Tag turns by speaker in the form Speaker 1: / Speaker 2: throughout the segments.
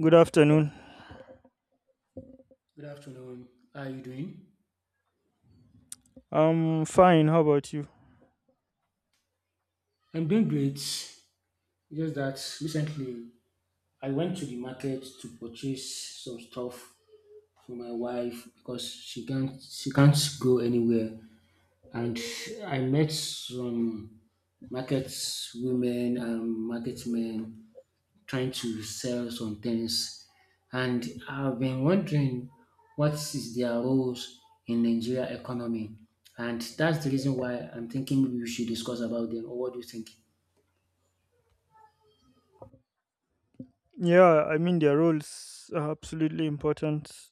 Speaker 1: Good afternoon.
Speaker 2: Good afternoon. How are you doing?
Speaker 1: I'm fine. How about you?
Speaker 2: I'm doing great. Just that recently I went to the market to purchase some stuff for my wife because she can't go anywhere, and I met some market women and market men trying to sell some things. And I've been wondering what is their roles in Nigeria economy. And that's the reason why I'm thinking maybe we should discuss about them. Or what do you think?
Speaker 1: Yeah, I mean, their roles are absolutely important.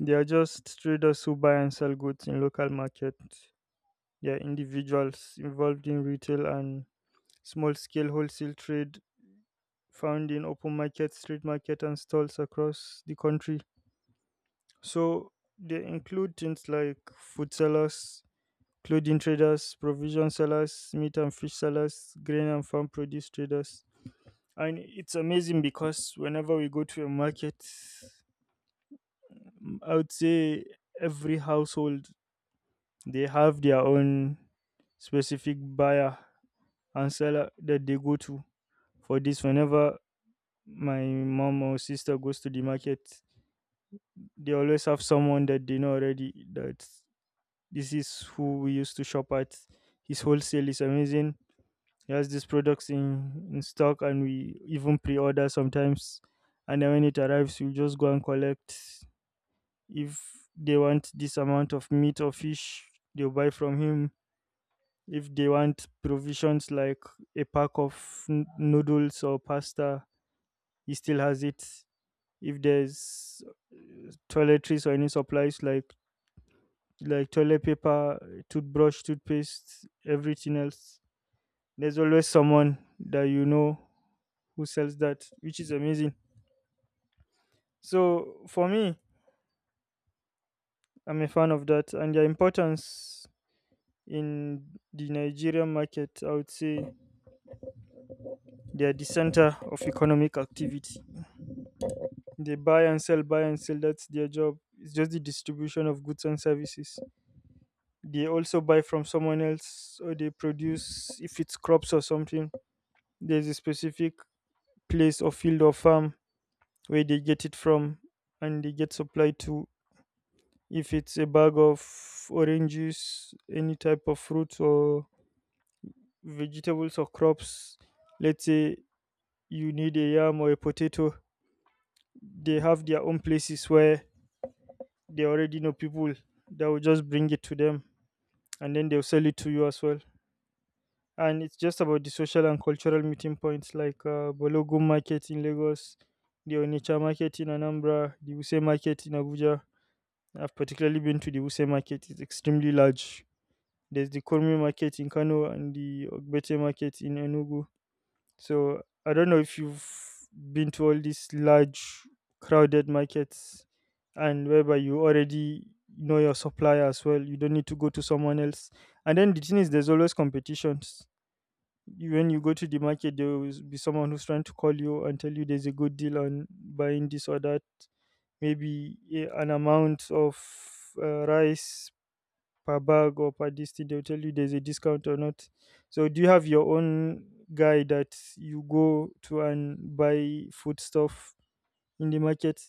Speaker 1: They are just traders who buy and sell goods in local market. They are individuals involved in retail and small scale wholesale trade found in open market, street market, and stalls across the country. So they include things like food sellers, clothing traders, provision sellers, meat and fish sellers, grain and farm produce traders. And it's amazing because whenever we go to a market, I would say every household, they have their own specific buyer and seller that they go to for this. Whenever my mom or sister goes to the market, they always have someone that they know already that this is who we used to shop at. His wholesale is amazing. He has these products in stock and we even pre-order sometimes, and then when it arrives we just go and collect. If they want this amount of meat or fish, they'll buy from him. If they want provisions like a pack of noodles or pasta, he still has it. If there's toiletries or any supplies like toilet paper, toothbrush, toothpaste, everything else, there's always someone that you know who sells that, which is amazing. So for me, I'm a fan of that and their importance in the Nigerian market. I would say they are the center of economic activity. They buy and sell, buy and sell. That's their job. It's just the distribution of goods and services. They also buy from someone else, or they produce if it's crops or something. There's a specific place or field or farm where they get it from, and they get supplied to. If it's a bag of oranges, any type of fruit or vegetables or crops, let's say you need a yam or a potato, they have their own places where they already know people that will just bring it to them, and then they'll sell it to you as well. And it's just about the social and cultural meeting points like Balogun Market in Lagos, the Onitsha Market in Anambra, the Wuse Market in Abuja. I've particularly been to the Wuse Market, it's extremely large. There's the Kurmi Market in Kano and the Ogbete Market in Enugu. So I don't know if you've been to all these large crowded markets, and whereby you already know your supplier as well. You don't need to go to someone else. And then the thing is there's always competitions. When you go to the market, there will be someone who's trying to call you and tell you there's a good deal on buying this or that. Maybe an amount of rice per bag or per this thing, they'll tell you there's a discount or not. So do you have your own guy that you go to and buy food stuff in the market?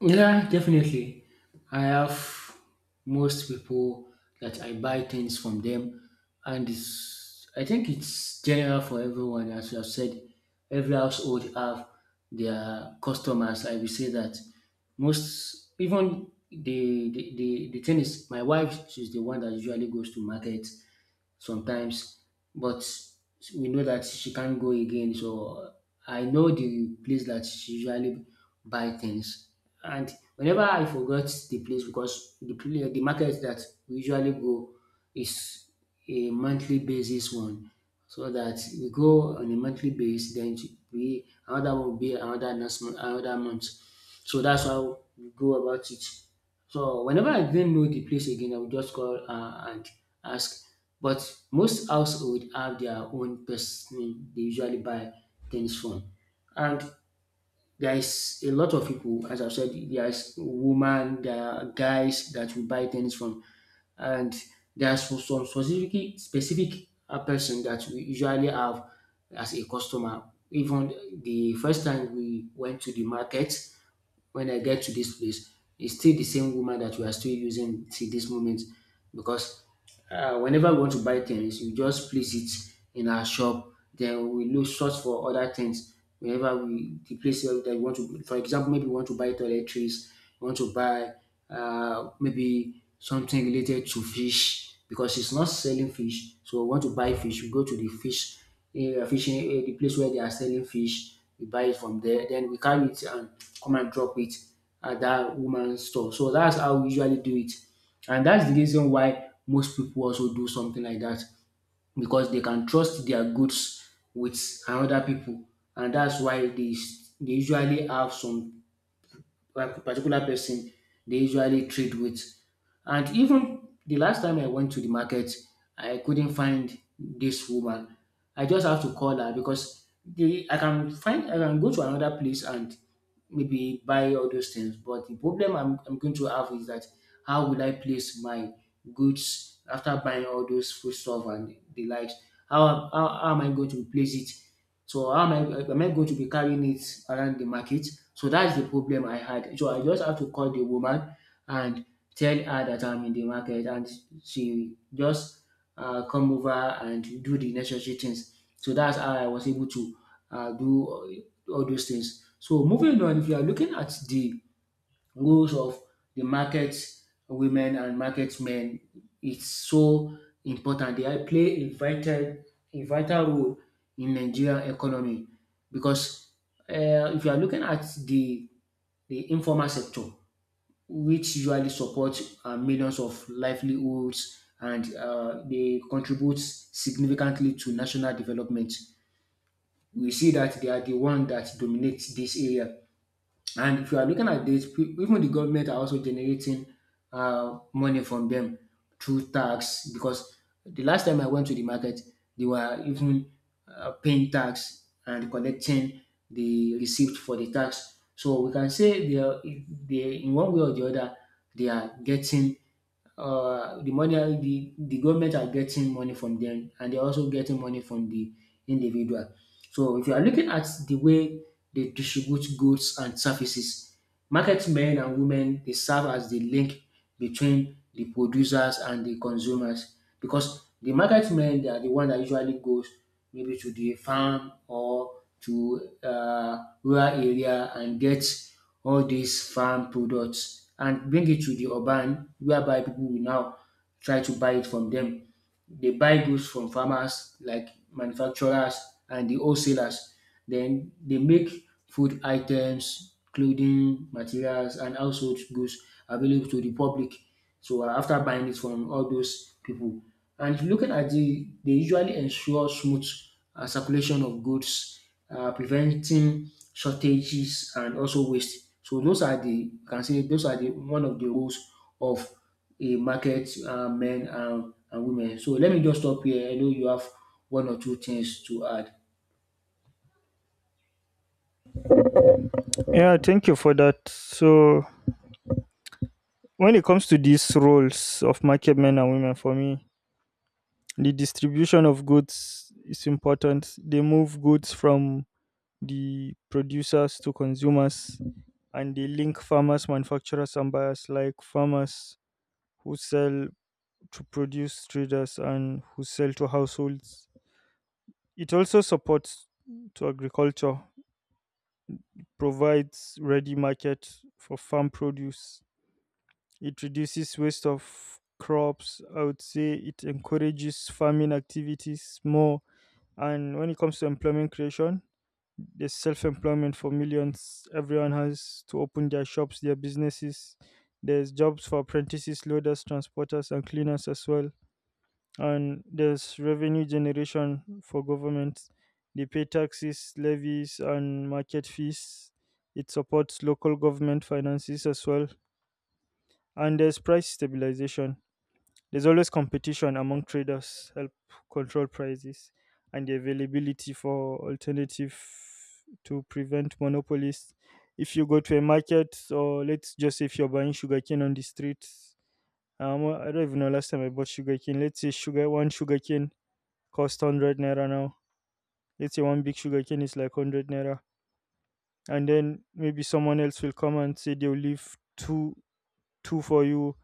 Speaker 2: Yeah, definitely. I have most people that I buy things from them, and it's, I think it's general for everyone. As you have said, every household have their customers. I will say that most, even the thing is, my wife she's the one that usually goes to market sometimes, but we know that she can't go again. So I know the place that she usually buy things and whenever I forgot the place because the the market that we usually go is a monthly basis one, so that we go on a monthly basis. Then we another one will be another next month, another month. So that's how we go about it. So whenever I didn't know the place again, I would just call and ask. But most household have their own person they usually buy things from. And there is a lot of people, as I've said, there is women, there are guys that we buy things from, and there's some specific person that we usually have as a customer. Even the first time we went to the market, when I get to this place, it's still the same woman that we are still using till this moment because whenever we want to buy things, we just place it in our shop. Then we look search for other things. Whenever we the place where that we want to, for example, maybe we want to buy toiletries, we want to buy maybe something related to fish because it's not selling fish. So we want to buy fish. We go to the fish a fishing the place where they are selling fish. We buy it from there, then we carry it and come and drop it at that woman's store. So that's how we usually do it, and that's the reason why most people also do something like that because they can trust their goods with another people, and that's why they usually have some like particular person they usually trade with. And even the last time I went to the market, I couldn't find this woman. I just have to call her because the I can find I can go to another place and maybe buy all those things. But the problem I'm going to have is that how will I place my goods after buying all those food stuff and the likes? How am I going to place it? So how am I going to be carrying it around the market? So that's the problem I had. So I just have to call the woman and tell her that I'm in the market and she just come over and do the necessary things. So that's how I was able to do all those things. So moving on, if you are looking at the roles of the market women and market men, it's so important. Play a vital role in Nigerian economy because if you are looking at the informal sector, which usually supports millions of livelihoods and they contribute significantly to national development. We see that they are the one that dominates this area. And if you are looking at this, even the government are also generating money from them through tax because the last time I went to the market, they were even paying tax and collecting the receipt for the tax. So we can say they are, they in one way or the other, they are getting the money, the government are getting money from them and they're also getting money from the individual. So if you are looking at the way they distribute goods and services, market men and women they serve as the link between the producers and the consumers because the market men they are the one that usually goes maybe to the farm or to rural area and get all these farm products and bring it to the urban whereby people will now try to buy it from them. They buy goods from farmers, like manufacturers and the wholesalers. Then they make food items, clothing, materials, and household goods available to the public. So after buying it from all those people, and looking at the, they usually ensure smooth circulation of goods, preventing shortages and also waste. So those are the you can say those are the one of the roles of a market men and women. So let me just stop here. I know you have one or two things to add.
Speaker 1: Yeah, thank you for that. So when it comes to these roles of market men and women, for me, the distribution of goods is important. They move goods from the producers to consumers, and they link farmers, manufacturers, and buyers like farmers who sell to produce traders and who sell to households. It also supports to agriculture, provides ready market for farm produce. It reduces waste of crops. I would say it encourages farming activities more. And when it comes to employment creation, there's self-employment for millions. Everyone has to open their shops, their businesses. There's jobs for apprentices, loaders, transporters, and cleaners as well. And there's revenue generation for governments. They pay taxes, levies, and market fees. It supports local government finances as well. And there's price stabilization. There's always competition among traders, help control prices and the availability for alternative to prevent monopolies. If you go to a market, or let's just say if you're buying sugarcane on the streets, I don't even know last time I bought sugarcane. Let's say sugar one sugarcane cost 100 naira now. Let's say one big sugarcane is like 100 naira. And then maybe someone else will come and say they'll leave two two for you,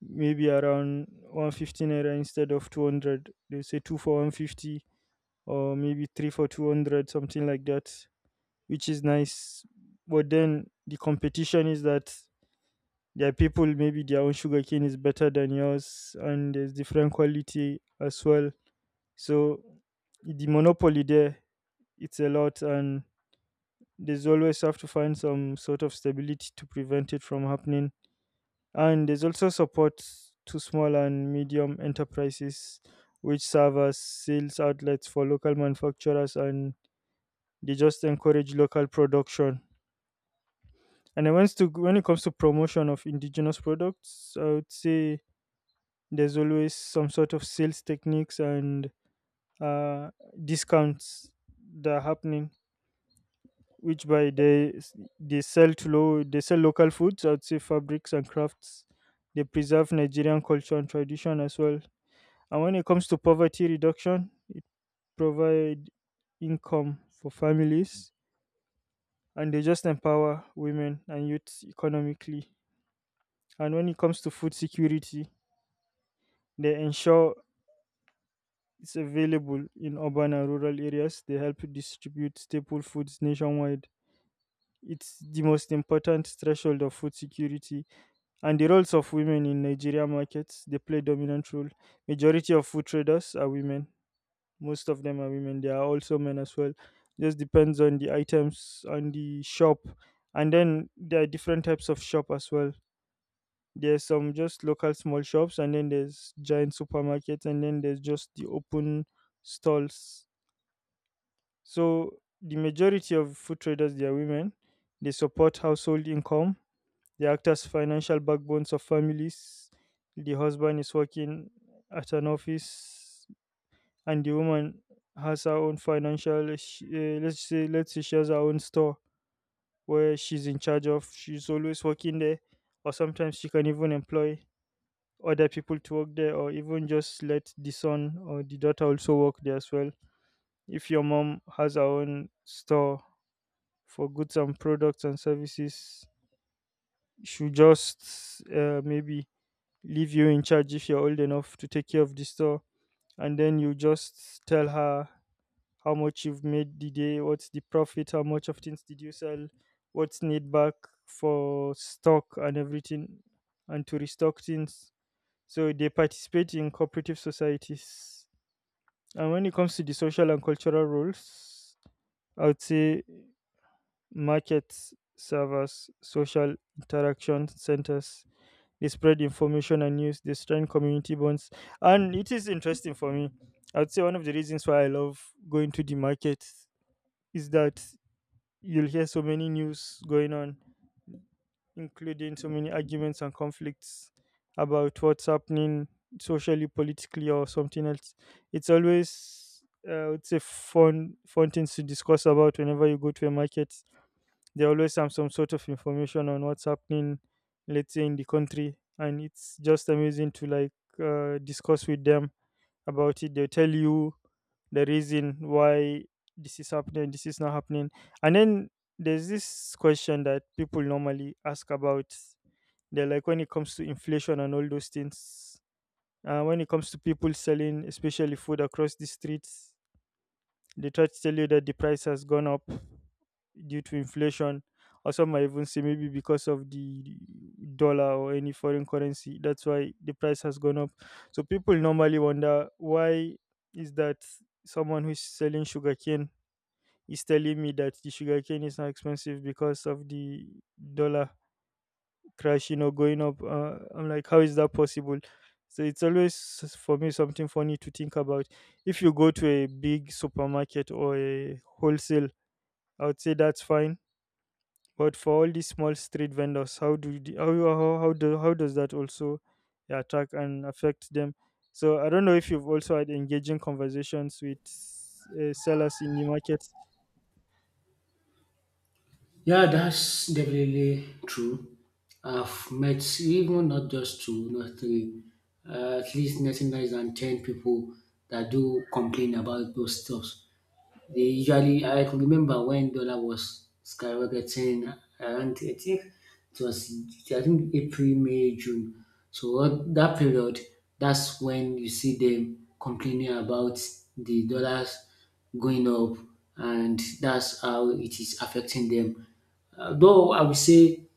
Speaker 1: maybe around 150 naira instead of 200. They say two for 150, or maybe three for 200, something like that, which is nice. But then the competition is that there are people, maybe their own sugarcane is better than yours and there's different quality as well. So the monopoly there, it's a lot, and there's always have to find some sort of stability to prevent it from happening. And there's also support to small and medium enterprises, which serve as sales outlets for local manufacturers, and they just encourage local production. And when it comes to promotion of indigenous products, I would say there's always some sort of sales techniques and uh, discounts that are happening, which by they sell to low they sell local foods. I'd say fabrics and crafts, they preserve Nigerian culture and tradition as well. And when it comes to poverty reduction, it provide income for families, and they just empower women and youth economically. And when it comes to food security, they ensure it's available in urban and rural areas. They help distribute staple foods nationwide. It's the most important threshold of food security. And the roles of women in Nigeria markets, they play dominant role. Majority of food traders are women. Most of them are women. There are also men as well. Just depends on the items on the shop. And then there are different types of shop as well. There's some just local small shops, and then there's giant supermarkets, and then there's just the open stalls. So the majority of food traders, they are women. They support household income, the actors' financial backbones of families. The husband is working at an office, and the woman has her own financial. Let's say, let's say she has her own store where she's in charge of. She's always working there, or sometimes she can even employ other people to work there, or even just let the son or the daughter also work there as well. If your mom has her own store for goods and products and services, she just maybe leave you in charge if you're old enough to take care of the store, and then you just tell her how much you've made the day, what's the profit, how much of things did you sell, what's need back for stock and everything, and to restock things. So they participate in cooperative societies. And when it comes to the social and cultural roles, I would say markets servers social interaction centers. They spread information and news. They strengthen community bonds. And it is interesting for me. I would say one of the reasons why I love going to the market is that you'll hear so many news going on, including so many arguments and conflicts about what's happening socially, politically, or something else. It's always, I would say, fun, fun things to discuss about. Whenever you go to a market, they always have some sort of information on what's happening, let's say in the country, and it's just amazing to discuss with them about it. They'll tell you the reason why this is happening, this is not happening. And then there's this question that people normally ask about. They're like, when it comes to inflation and all those things, when it comes to people selling especially food across the streets, they try to tell you that the price has gone up due to inflation, or some might even say maybe because of the dollar or any foreign currency. That's why the price has gone up. So people normally wonder why is that someone who's selling sugarcane is telling me that the sugarcane is now expensive because of the dollar crashing or going up. I'm like, how is that possible? So it's always for me something funny to think about. If you go to a big supermarket or a wholesale, I would say that's fine, but for all these small street vendors, how do the, how do how does that also attack and affect them? So I don't know if you've also had engaging conversations with sellers in the market.
Speaker 2: Yeah, that's definitely true. I've met even not just two, not three, at least nothing less than 10 people that do complain about those stuffs. They usually, I could remember when dollar was skyrocketing around, I think it was, I think April, May, June. So what, that period, that's when you see them complaining about the dollars going up, and that's how it is affecting them. Though I would say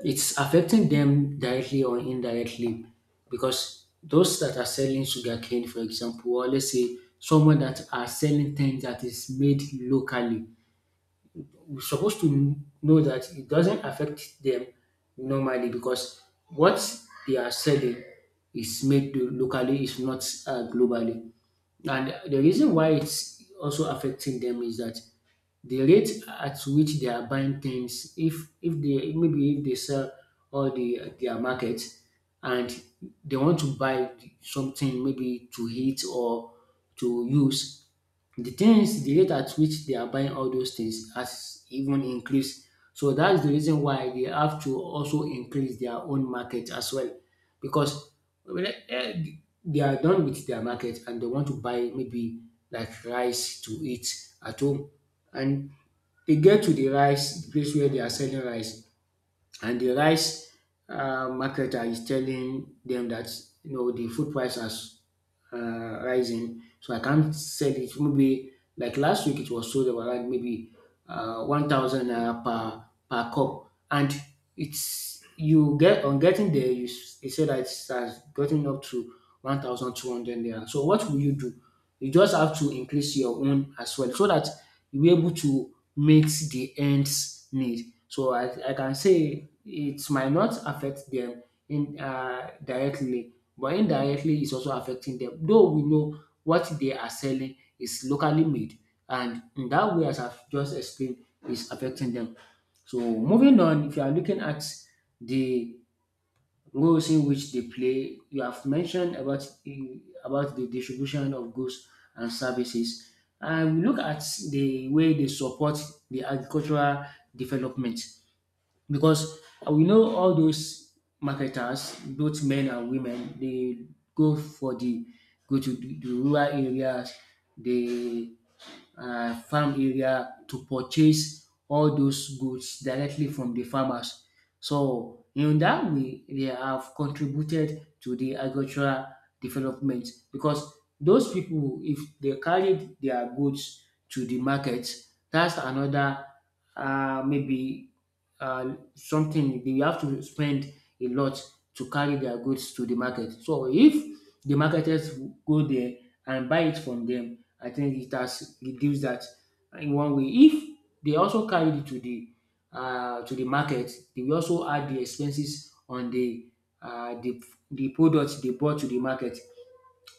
Speaker 2: it's affecting them directly or indirectly because those that are selling sugarcane, for example, or let's say someone that are selling things that is made locally, we're supposed to know that it doesn't affect them normally because what they are selling is made locally, is not globally. And the reason why it's also affecting them is that the rate at which they are buying things if they maybe if they sell all the their market and they want to buy something maybe to eat or to use the things the rate at which they are buying all those things has even increased. So that's the reason why they have to also increase their own market as well because when, they are done with their market and they want to buy maybe like rice to eat at home and they get to the rice the place where they are selling rice and the rice marketer is telling them that you know the food price has rising, so I can't sell it. Maybe like last week, it was sold around maybe 1,000 naira per per cup, and it's you get on getting there, they say that it has gotten up to 1,200 naira. So what will you do? You just have to increase your own as well, so that you'll be able to meet the ends need. So I can say it might not affect them in directly, but indirectly it's also affecting them. Though we know what they are selling is locally made, and in that way, as I've just explained, is affecting them. So moving on, if you are looking at the roles in which they play. You have mentioned about about the distribution of goods and services, and we look at the way they support the agricultural development because we know all those marketers, both men and women, they go for the go to the rural areas, the farm area to purchase all those goods directly from the farmers so in that way, they have contributed to the agricultural development because those people, if they carried their goods to the market, that's another maybe something they have to spend a lot to carry their goods to the market. So if the marketers go there and buy it from them, I think it has reduced that in one way. If they also carried it to the market, they will also add the expenses on uh, the the product they brought to the market.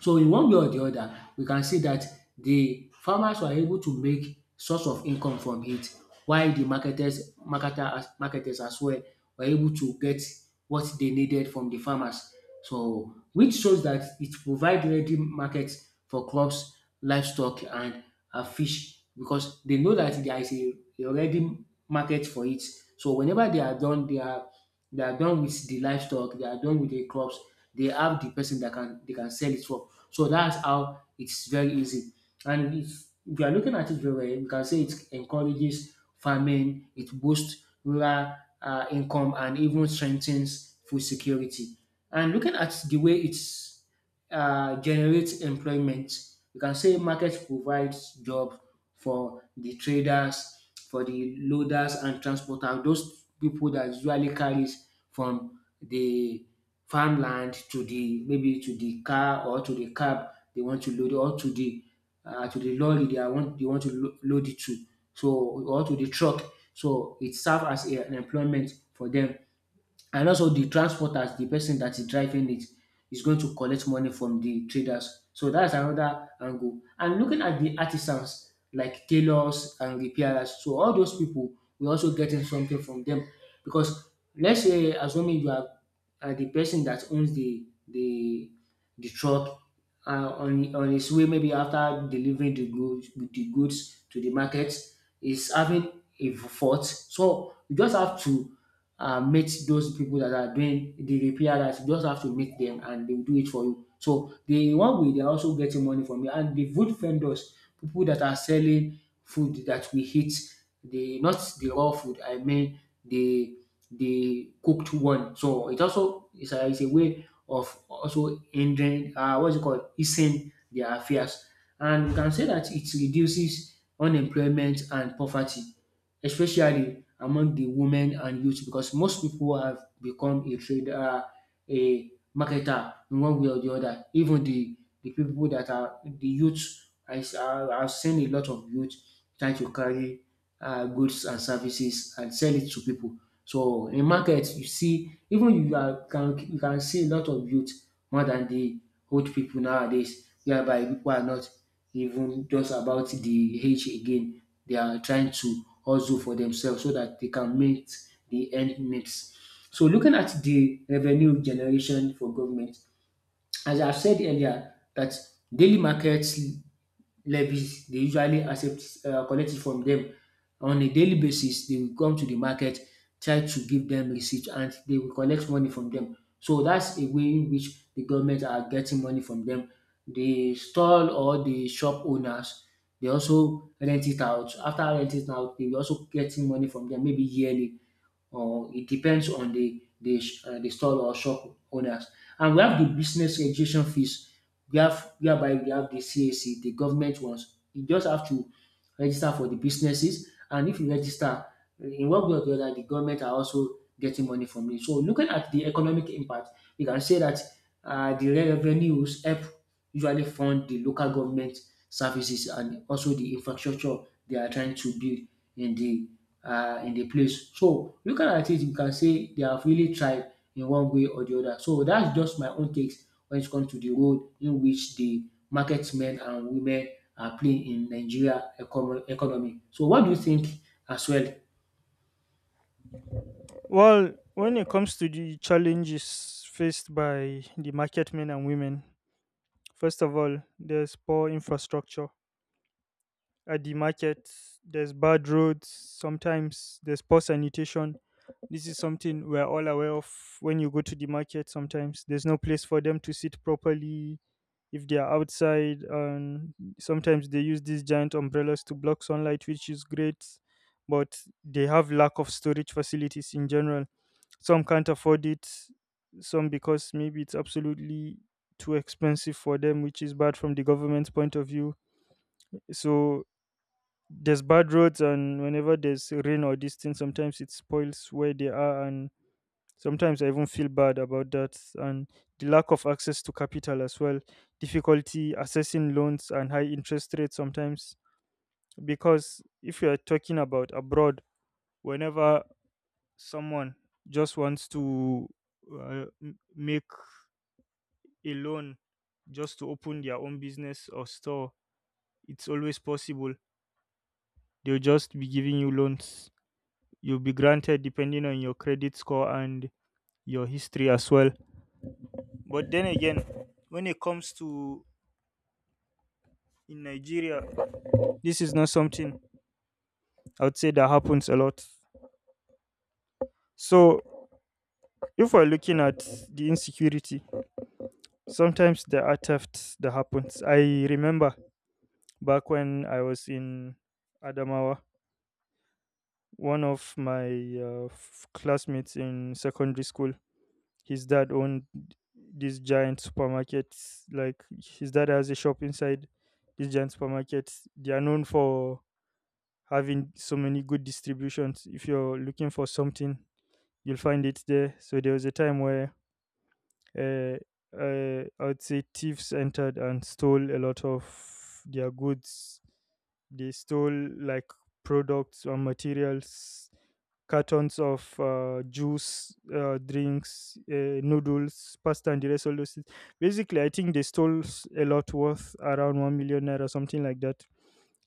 Speaker 2: So in one way or the other, we can see that the farmers were able to make source of income from it while the marketers marketers as well were able to get what they needed from the farmers. So which shows that it provides ready markets for crops, livestock and fish because they know that there is a ready market for it. So whenever they are done with the livestock, they are done with the crops, they have the person that can they can sell it for. So that's how it's very easy. And if you are looking at it very well, you can say it encourages farming, it boosts rural income, and even strengthens food security. And looking at the way it's generates employment. You can say market provides job for the traders, for the loaders and transporters, those people that usually carries from the farmland to the maybe to the car or to the cab they want to load it, or to the lorry they are want they want to lo- load it to so or to the truck so it serves as an employment for them, and also the transporters, the person that is driving it is going to collect money from the traders. So that's another angle. And looking at the artisans like tailors and repairers, so all those people we're also getting something from them because let's say assuming are the person that owns the the truck on his way maybe after delivering the goods to the market is having a fault. So you just have to meet those people that are doing the repair, that you just have to meet them and they will do it for you. So the one way they're also getting money from you, and the food vendors, people that are selling food that we eat, the not the raw food, I mean the cooked one. So it also is a way of also ending what's it called, easing their affairs. And you can say that it reduces unemployment and poverty, especially among the women and youth, because most people have become a trader, a marketer in one way or the other. Even the people that are the youth, I've seen a lot of youth trying to carry goods and services and sell it to people. So in market you see even you can see a lot of youth more than the old people nowadays, whereby people are not even just about the age again. They are trying to hustle for themselves so that they can meet the end needs. So looking at the revenue generation for government, as I said earlier that daily markets levies they usually accept collect it from them. On a daily basis they will come to the market, try to give them receipt and they will collect money from them. So that's a way in which the government are getting money from them. The stall or the shop owners they also rent it out. After renting it out they will also getting money from them, maybe yearly, or it depends on the the store or shop owners. And we have the business registration fees. We have, whereby we have the CAC, the government ones. You just have to register for the businesses, and if you register, in one way or the other, the government are also getting money from it. So looking at the economic impact, we can say that the revenues help usually fund the local government services and also the infrastructure they are trying to build in the in the place. So looking at it, you can say they have really tried in one way or the other. So that's just my own takes when it comes to the role in which the market men and women are playing in economy. So what do you think as well?
Speaker 1: Well, when it comes to the challenges faced by the market men and women, first of all, there's poor infrastructure. At the market, there's bad roads. Sometimes there's poor sanitation. This is something we're all aware of when you go to the market. Sometimes there's no place for them to sit properly if they are outside. And sometimes they use these giant umbrellas to block sunlight, which is great. But they have lack of storage facilities in general. Some can't afford it, some because maybe it's absolutely too expensive for them, which is bad from the government's point of view. So there's bad roads, and whenever there's rain or this thing, sometimes it spoils where they are, and sometimes I even feel bad about that. And the lack of access to capital as well, difficulty accessing loans and high interest rates sometimes. Because if you are talking about abroad, whenever someone just wants to make alone just to open their own business or store. It's always possible. They'll just be giving you loans. You'll be granted depending on your credit score and your history as well. But then again, when it comes to in Nigeria, this is not something I would say that happens a lot. So if we're looking at the insecurity, sometimes there are thefts that happens. I remember back when I was in Adamawa, one of my classmates in secondary school, his dad owned this giant supermarket. Like, his dad has a shop inside this giant supermarket. They are known for having so many good distributions. If you're looking for something, you'll find it there. So there was a time where uh, I would say thieves entered and stole a lot of their goods. They stole like products or materials, cartons of juice, drinks, noodles, pasta, and the rest of those things. Basically, I think they stole a lot worth around 1 million naira or something like that.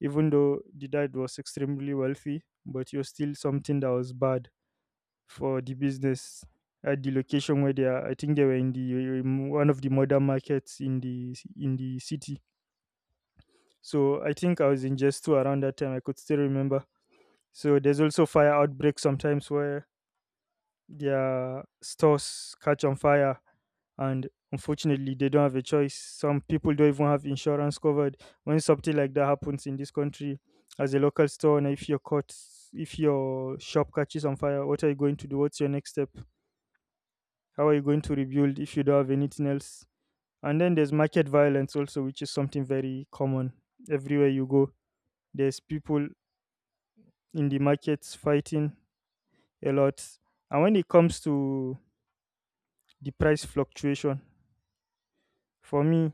Speaker 1: Even though the dad was extremely wealthy, but you're still something that was bad for the business. At the location where they are, I think they were in the in one of the modern markets in the city. So I think I was in just two around that time, I could still remember. So there's also fire outbreaks sometimes where their stores catch on fire, and unfortunately they don't have a choice. Some people don't even have insurance covered. When something like that happens in this country, as a local store, and if your caught, if your shop catches on fire, what are you going to do? What's your next step? How are you going to rebuild if you don't have anything else? And then there's market violence also, which is something very common everywhere you go. There's people in the markets fighting a lot. And when it comes to the price fluctuation, for me,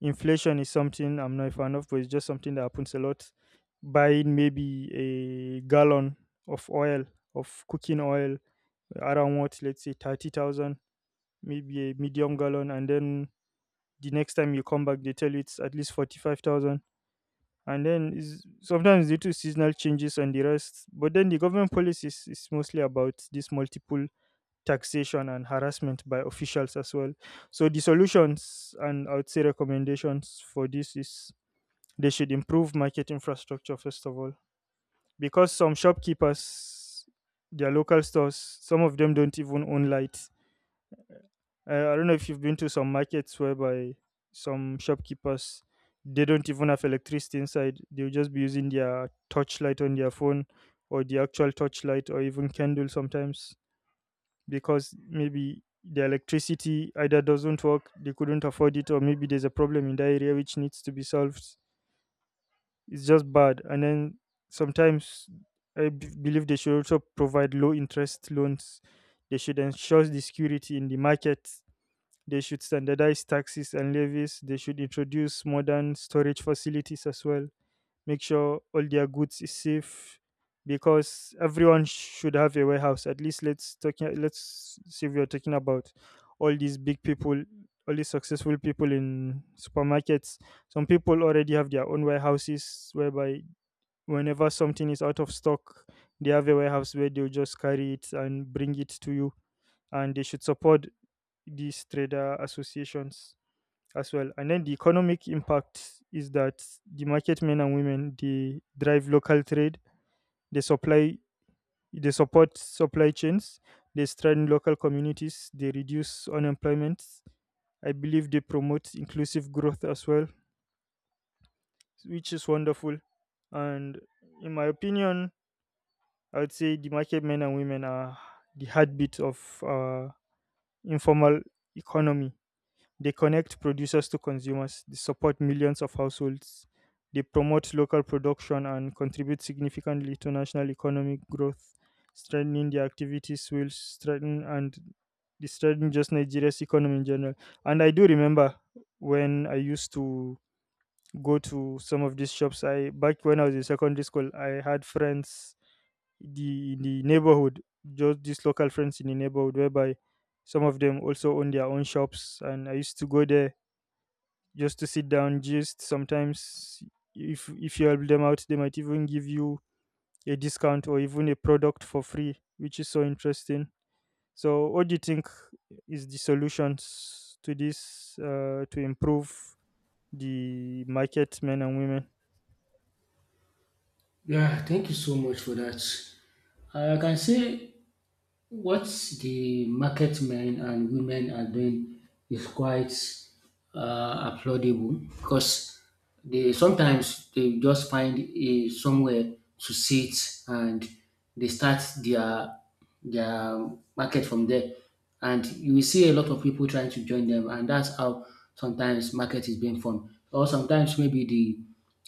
Speaker 1: inflation is something I'm not a fan of, but it's just something that happens a lot. Buying maybe a gallon of oil, of cooking oil, around what, let's say 30,000, maybe a medium gallon, and then the next time you come back, they tell you it's at least 45,000. And then is sometimes due to seasonal changes and the rest, but then the government policies is mostly about this multiple taxation and harassment by officials as well. So the solutions and I would say recommendations for this is they should improve market infrastructure first of all, because some shopkeepers, their local stores, some of them don't even own lights. I don't know if you've been to some markets whereby some shopkeepers, they don't even have electricity inside. They'll just be using their torchlight on their phone or the actual torchlight or even candle sometimes, because maybe the electricity either doesn't work, they couldn't afford it, or maybe there's a problem in the area which needs to be solved. It's just bad. And then sometimes I believe they should also provide low interest loans. They should ensure the security in the market. They should standardize taxes and levies. They should introduce modern storage facilities as well, make sure all their goods is safe, because everyone should have a warehouse at least. Let's talking, let's see, if we are talking about all these big people, all these successful people in supermarkets, some people already have their own warehouses whereby whenever something is out of stock, they have a warehouse where they'll just carry it and bring it to you. And they should support these trader associations as well. And then the economic impact is that the market men and women, they drive local trade, they supply, they support supply chains, they strengthen local communities, they reduce unemployment. I believe they promote inclusive growth as well, which is wonderful. And in my opinion, I would say the market men and women are the heartbeat of informal economy. They connect producers to consumers, they support millions of households, they promote local production and contribute significantly to national economic growth. Strengthening their activities will strengthen, and they strengthen just Nigeria's economy in general. And I do remember when I used to go to some of these shops. I Back when I was in secondary school, I had friends the in the neighborhood, just these local friends in the neighborhood, whereby some of them also own their own shops, and I used to go there just to sit down, just sometimes, if you help them out, they might even give you a discount or even a product for free, which is so interesting. So, what do you think is the solutions to this, to improve the market men and women?
Speaker 2: Yeah, thank you so much for that. I can say what the market men and women are doing is quite applaudable, because they sometimes they just find a somewhere to sit and they start their market from there, and you will see a lot of people trying to join them, and that's how sometimes market is being formed, or sometimes maybe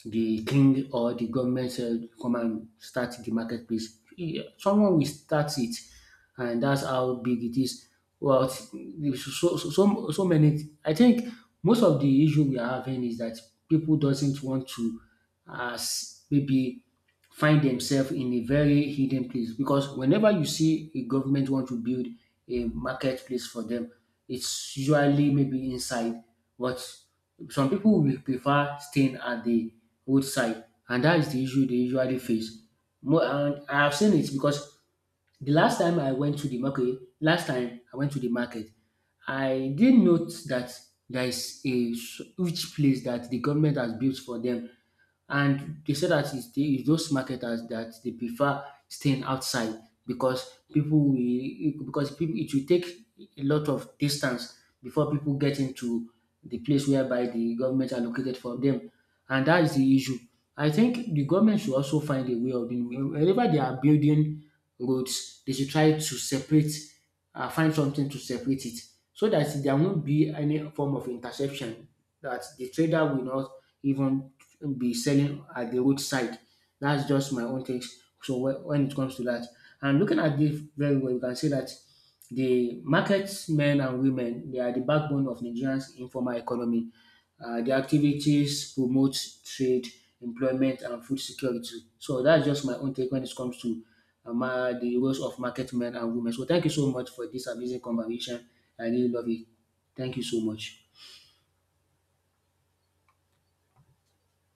Speaker 2: the king or the government come and start the marketplace. Yeah, someone will start it and that's how big it is. Well, it's so, so, so, so many. I think most of the issue we are having is that people doesn't want to, as maybe, find themselves in a very hidden place, because whenever you see a government want to build a marketplace for them, it's usually maybe inside. But some people will prefer staying at the roadside, and that is the issue they usually face. More, and I have seen it because the last time I went to the market, okay, last time I went to the market, I did note that there is a rich place that the government has built for them, and they say that it's those marketers that they prefer staying outside, because people it will take a lot of distance before people get into the place whereby the government allocated for them, and that is the issue. I think the government should also find a way of doing wherever they are building roads, they should try to separate, find something to separate it so that there won't be any form of interception, that the trader will not even be selling at the roadside. That's just my own takes. So when it comes to that, and looking at this very well, you can see that the market men and women, they are the backbone of Nigeria's informal economy. Their activities promote trade, employment, and food security. So that's just my own take when it comes to the roles of market men and women. So thank you so much for this amazing conversation. I really love it. Thank you so much.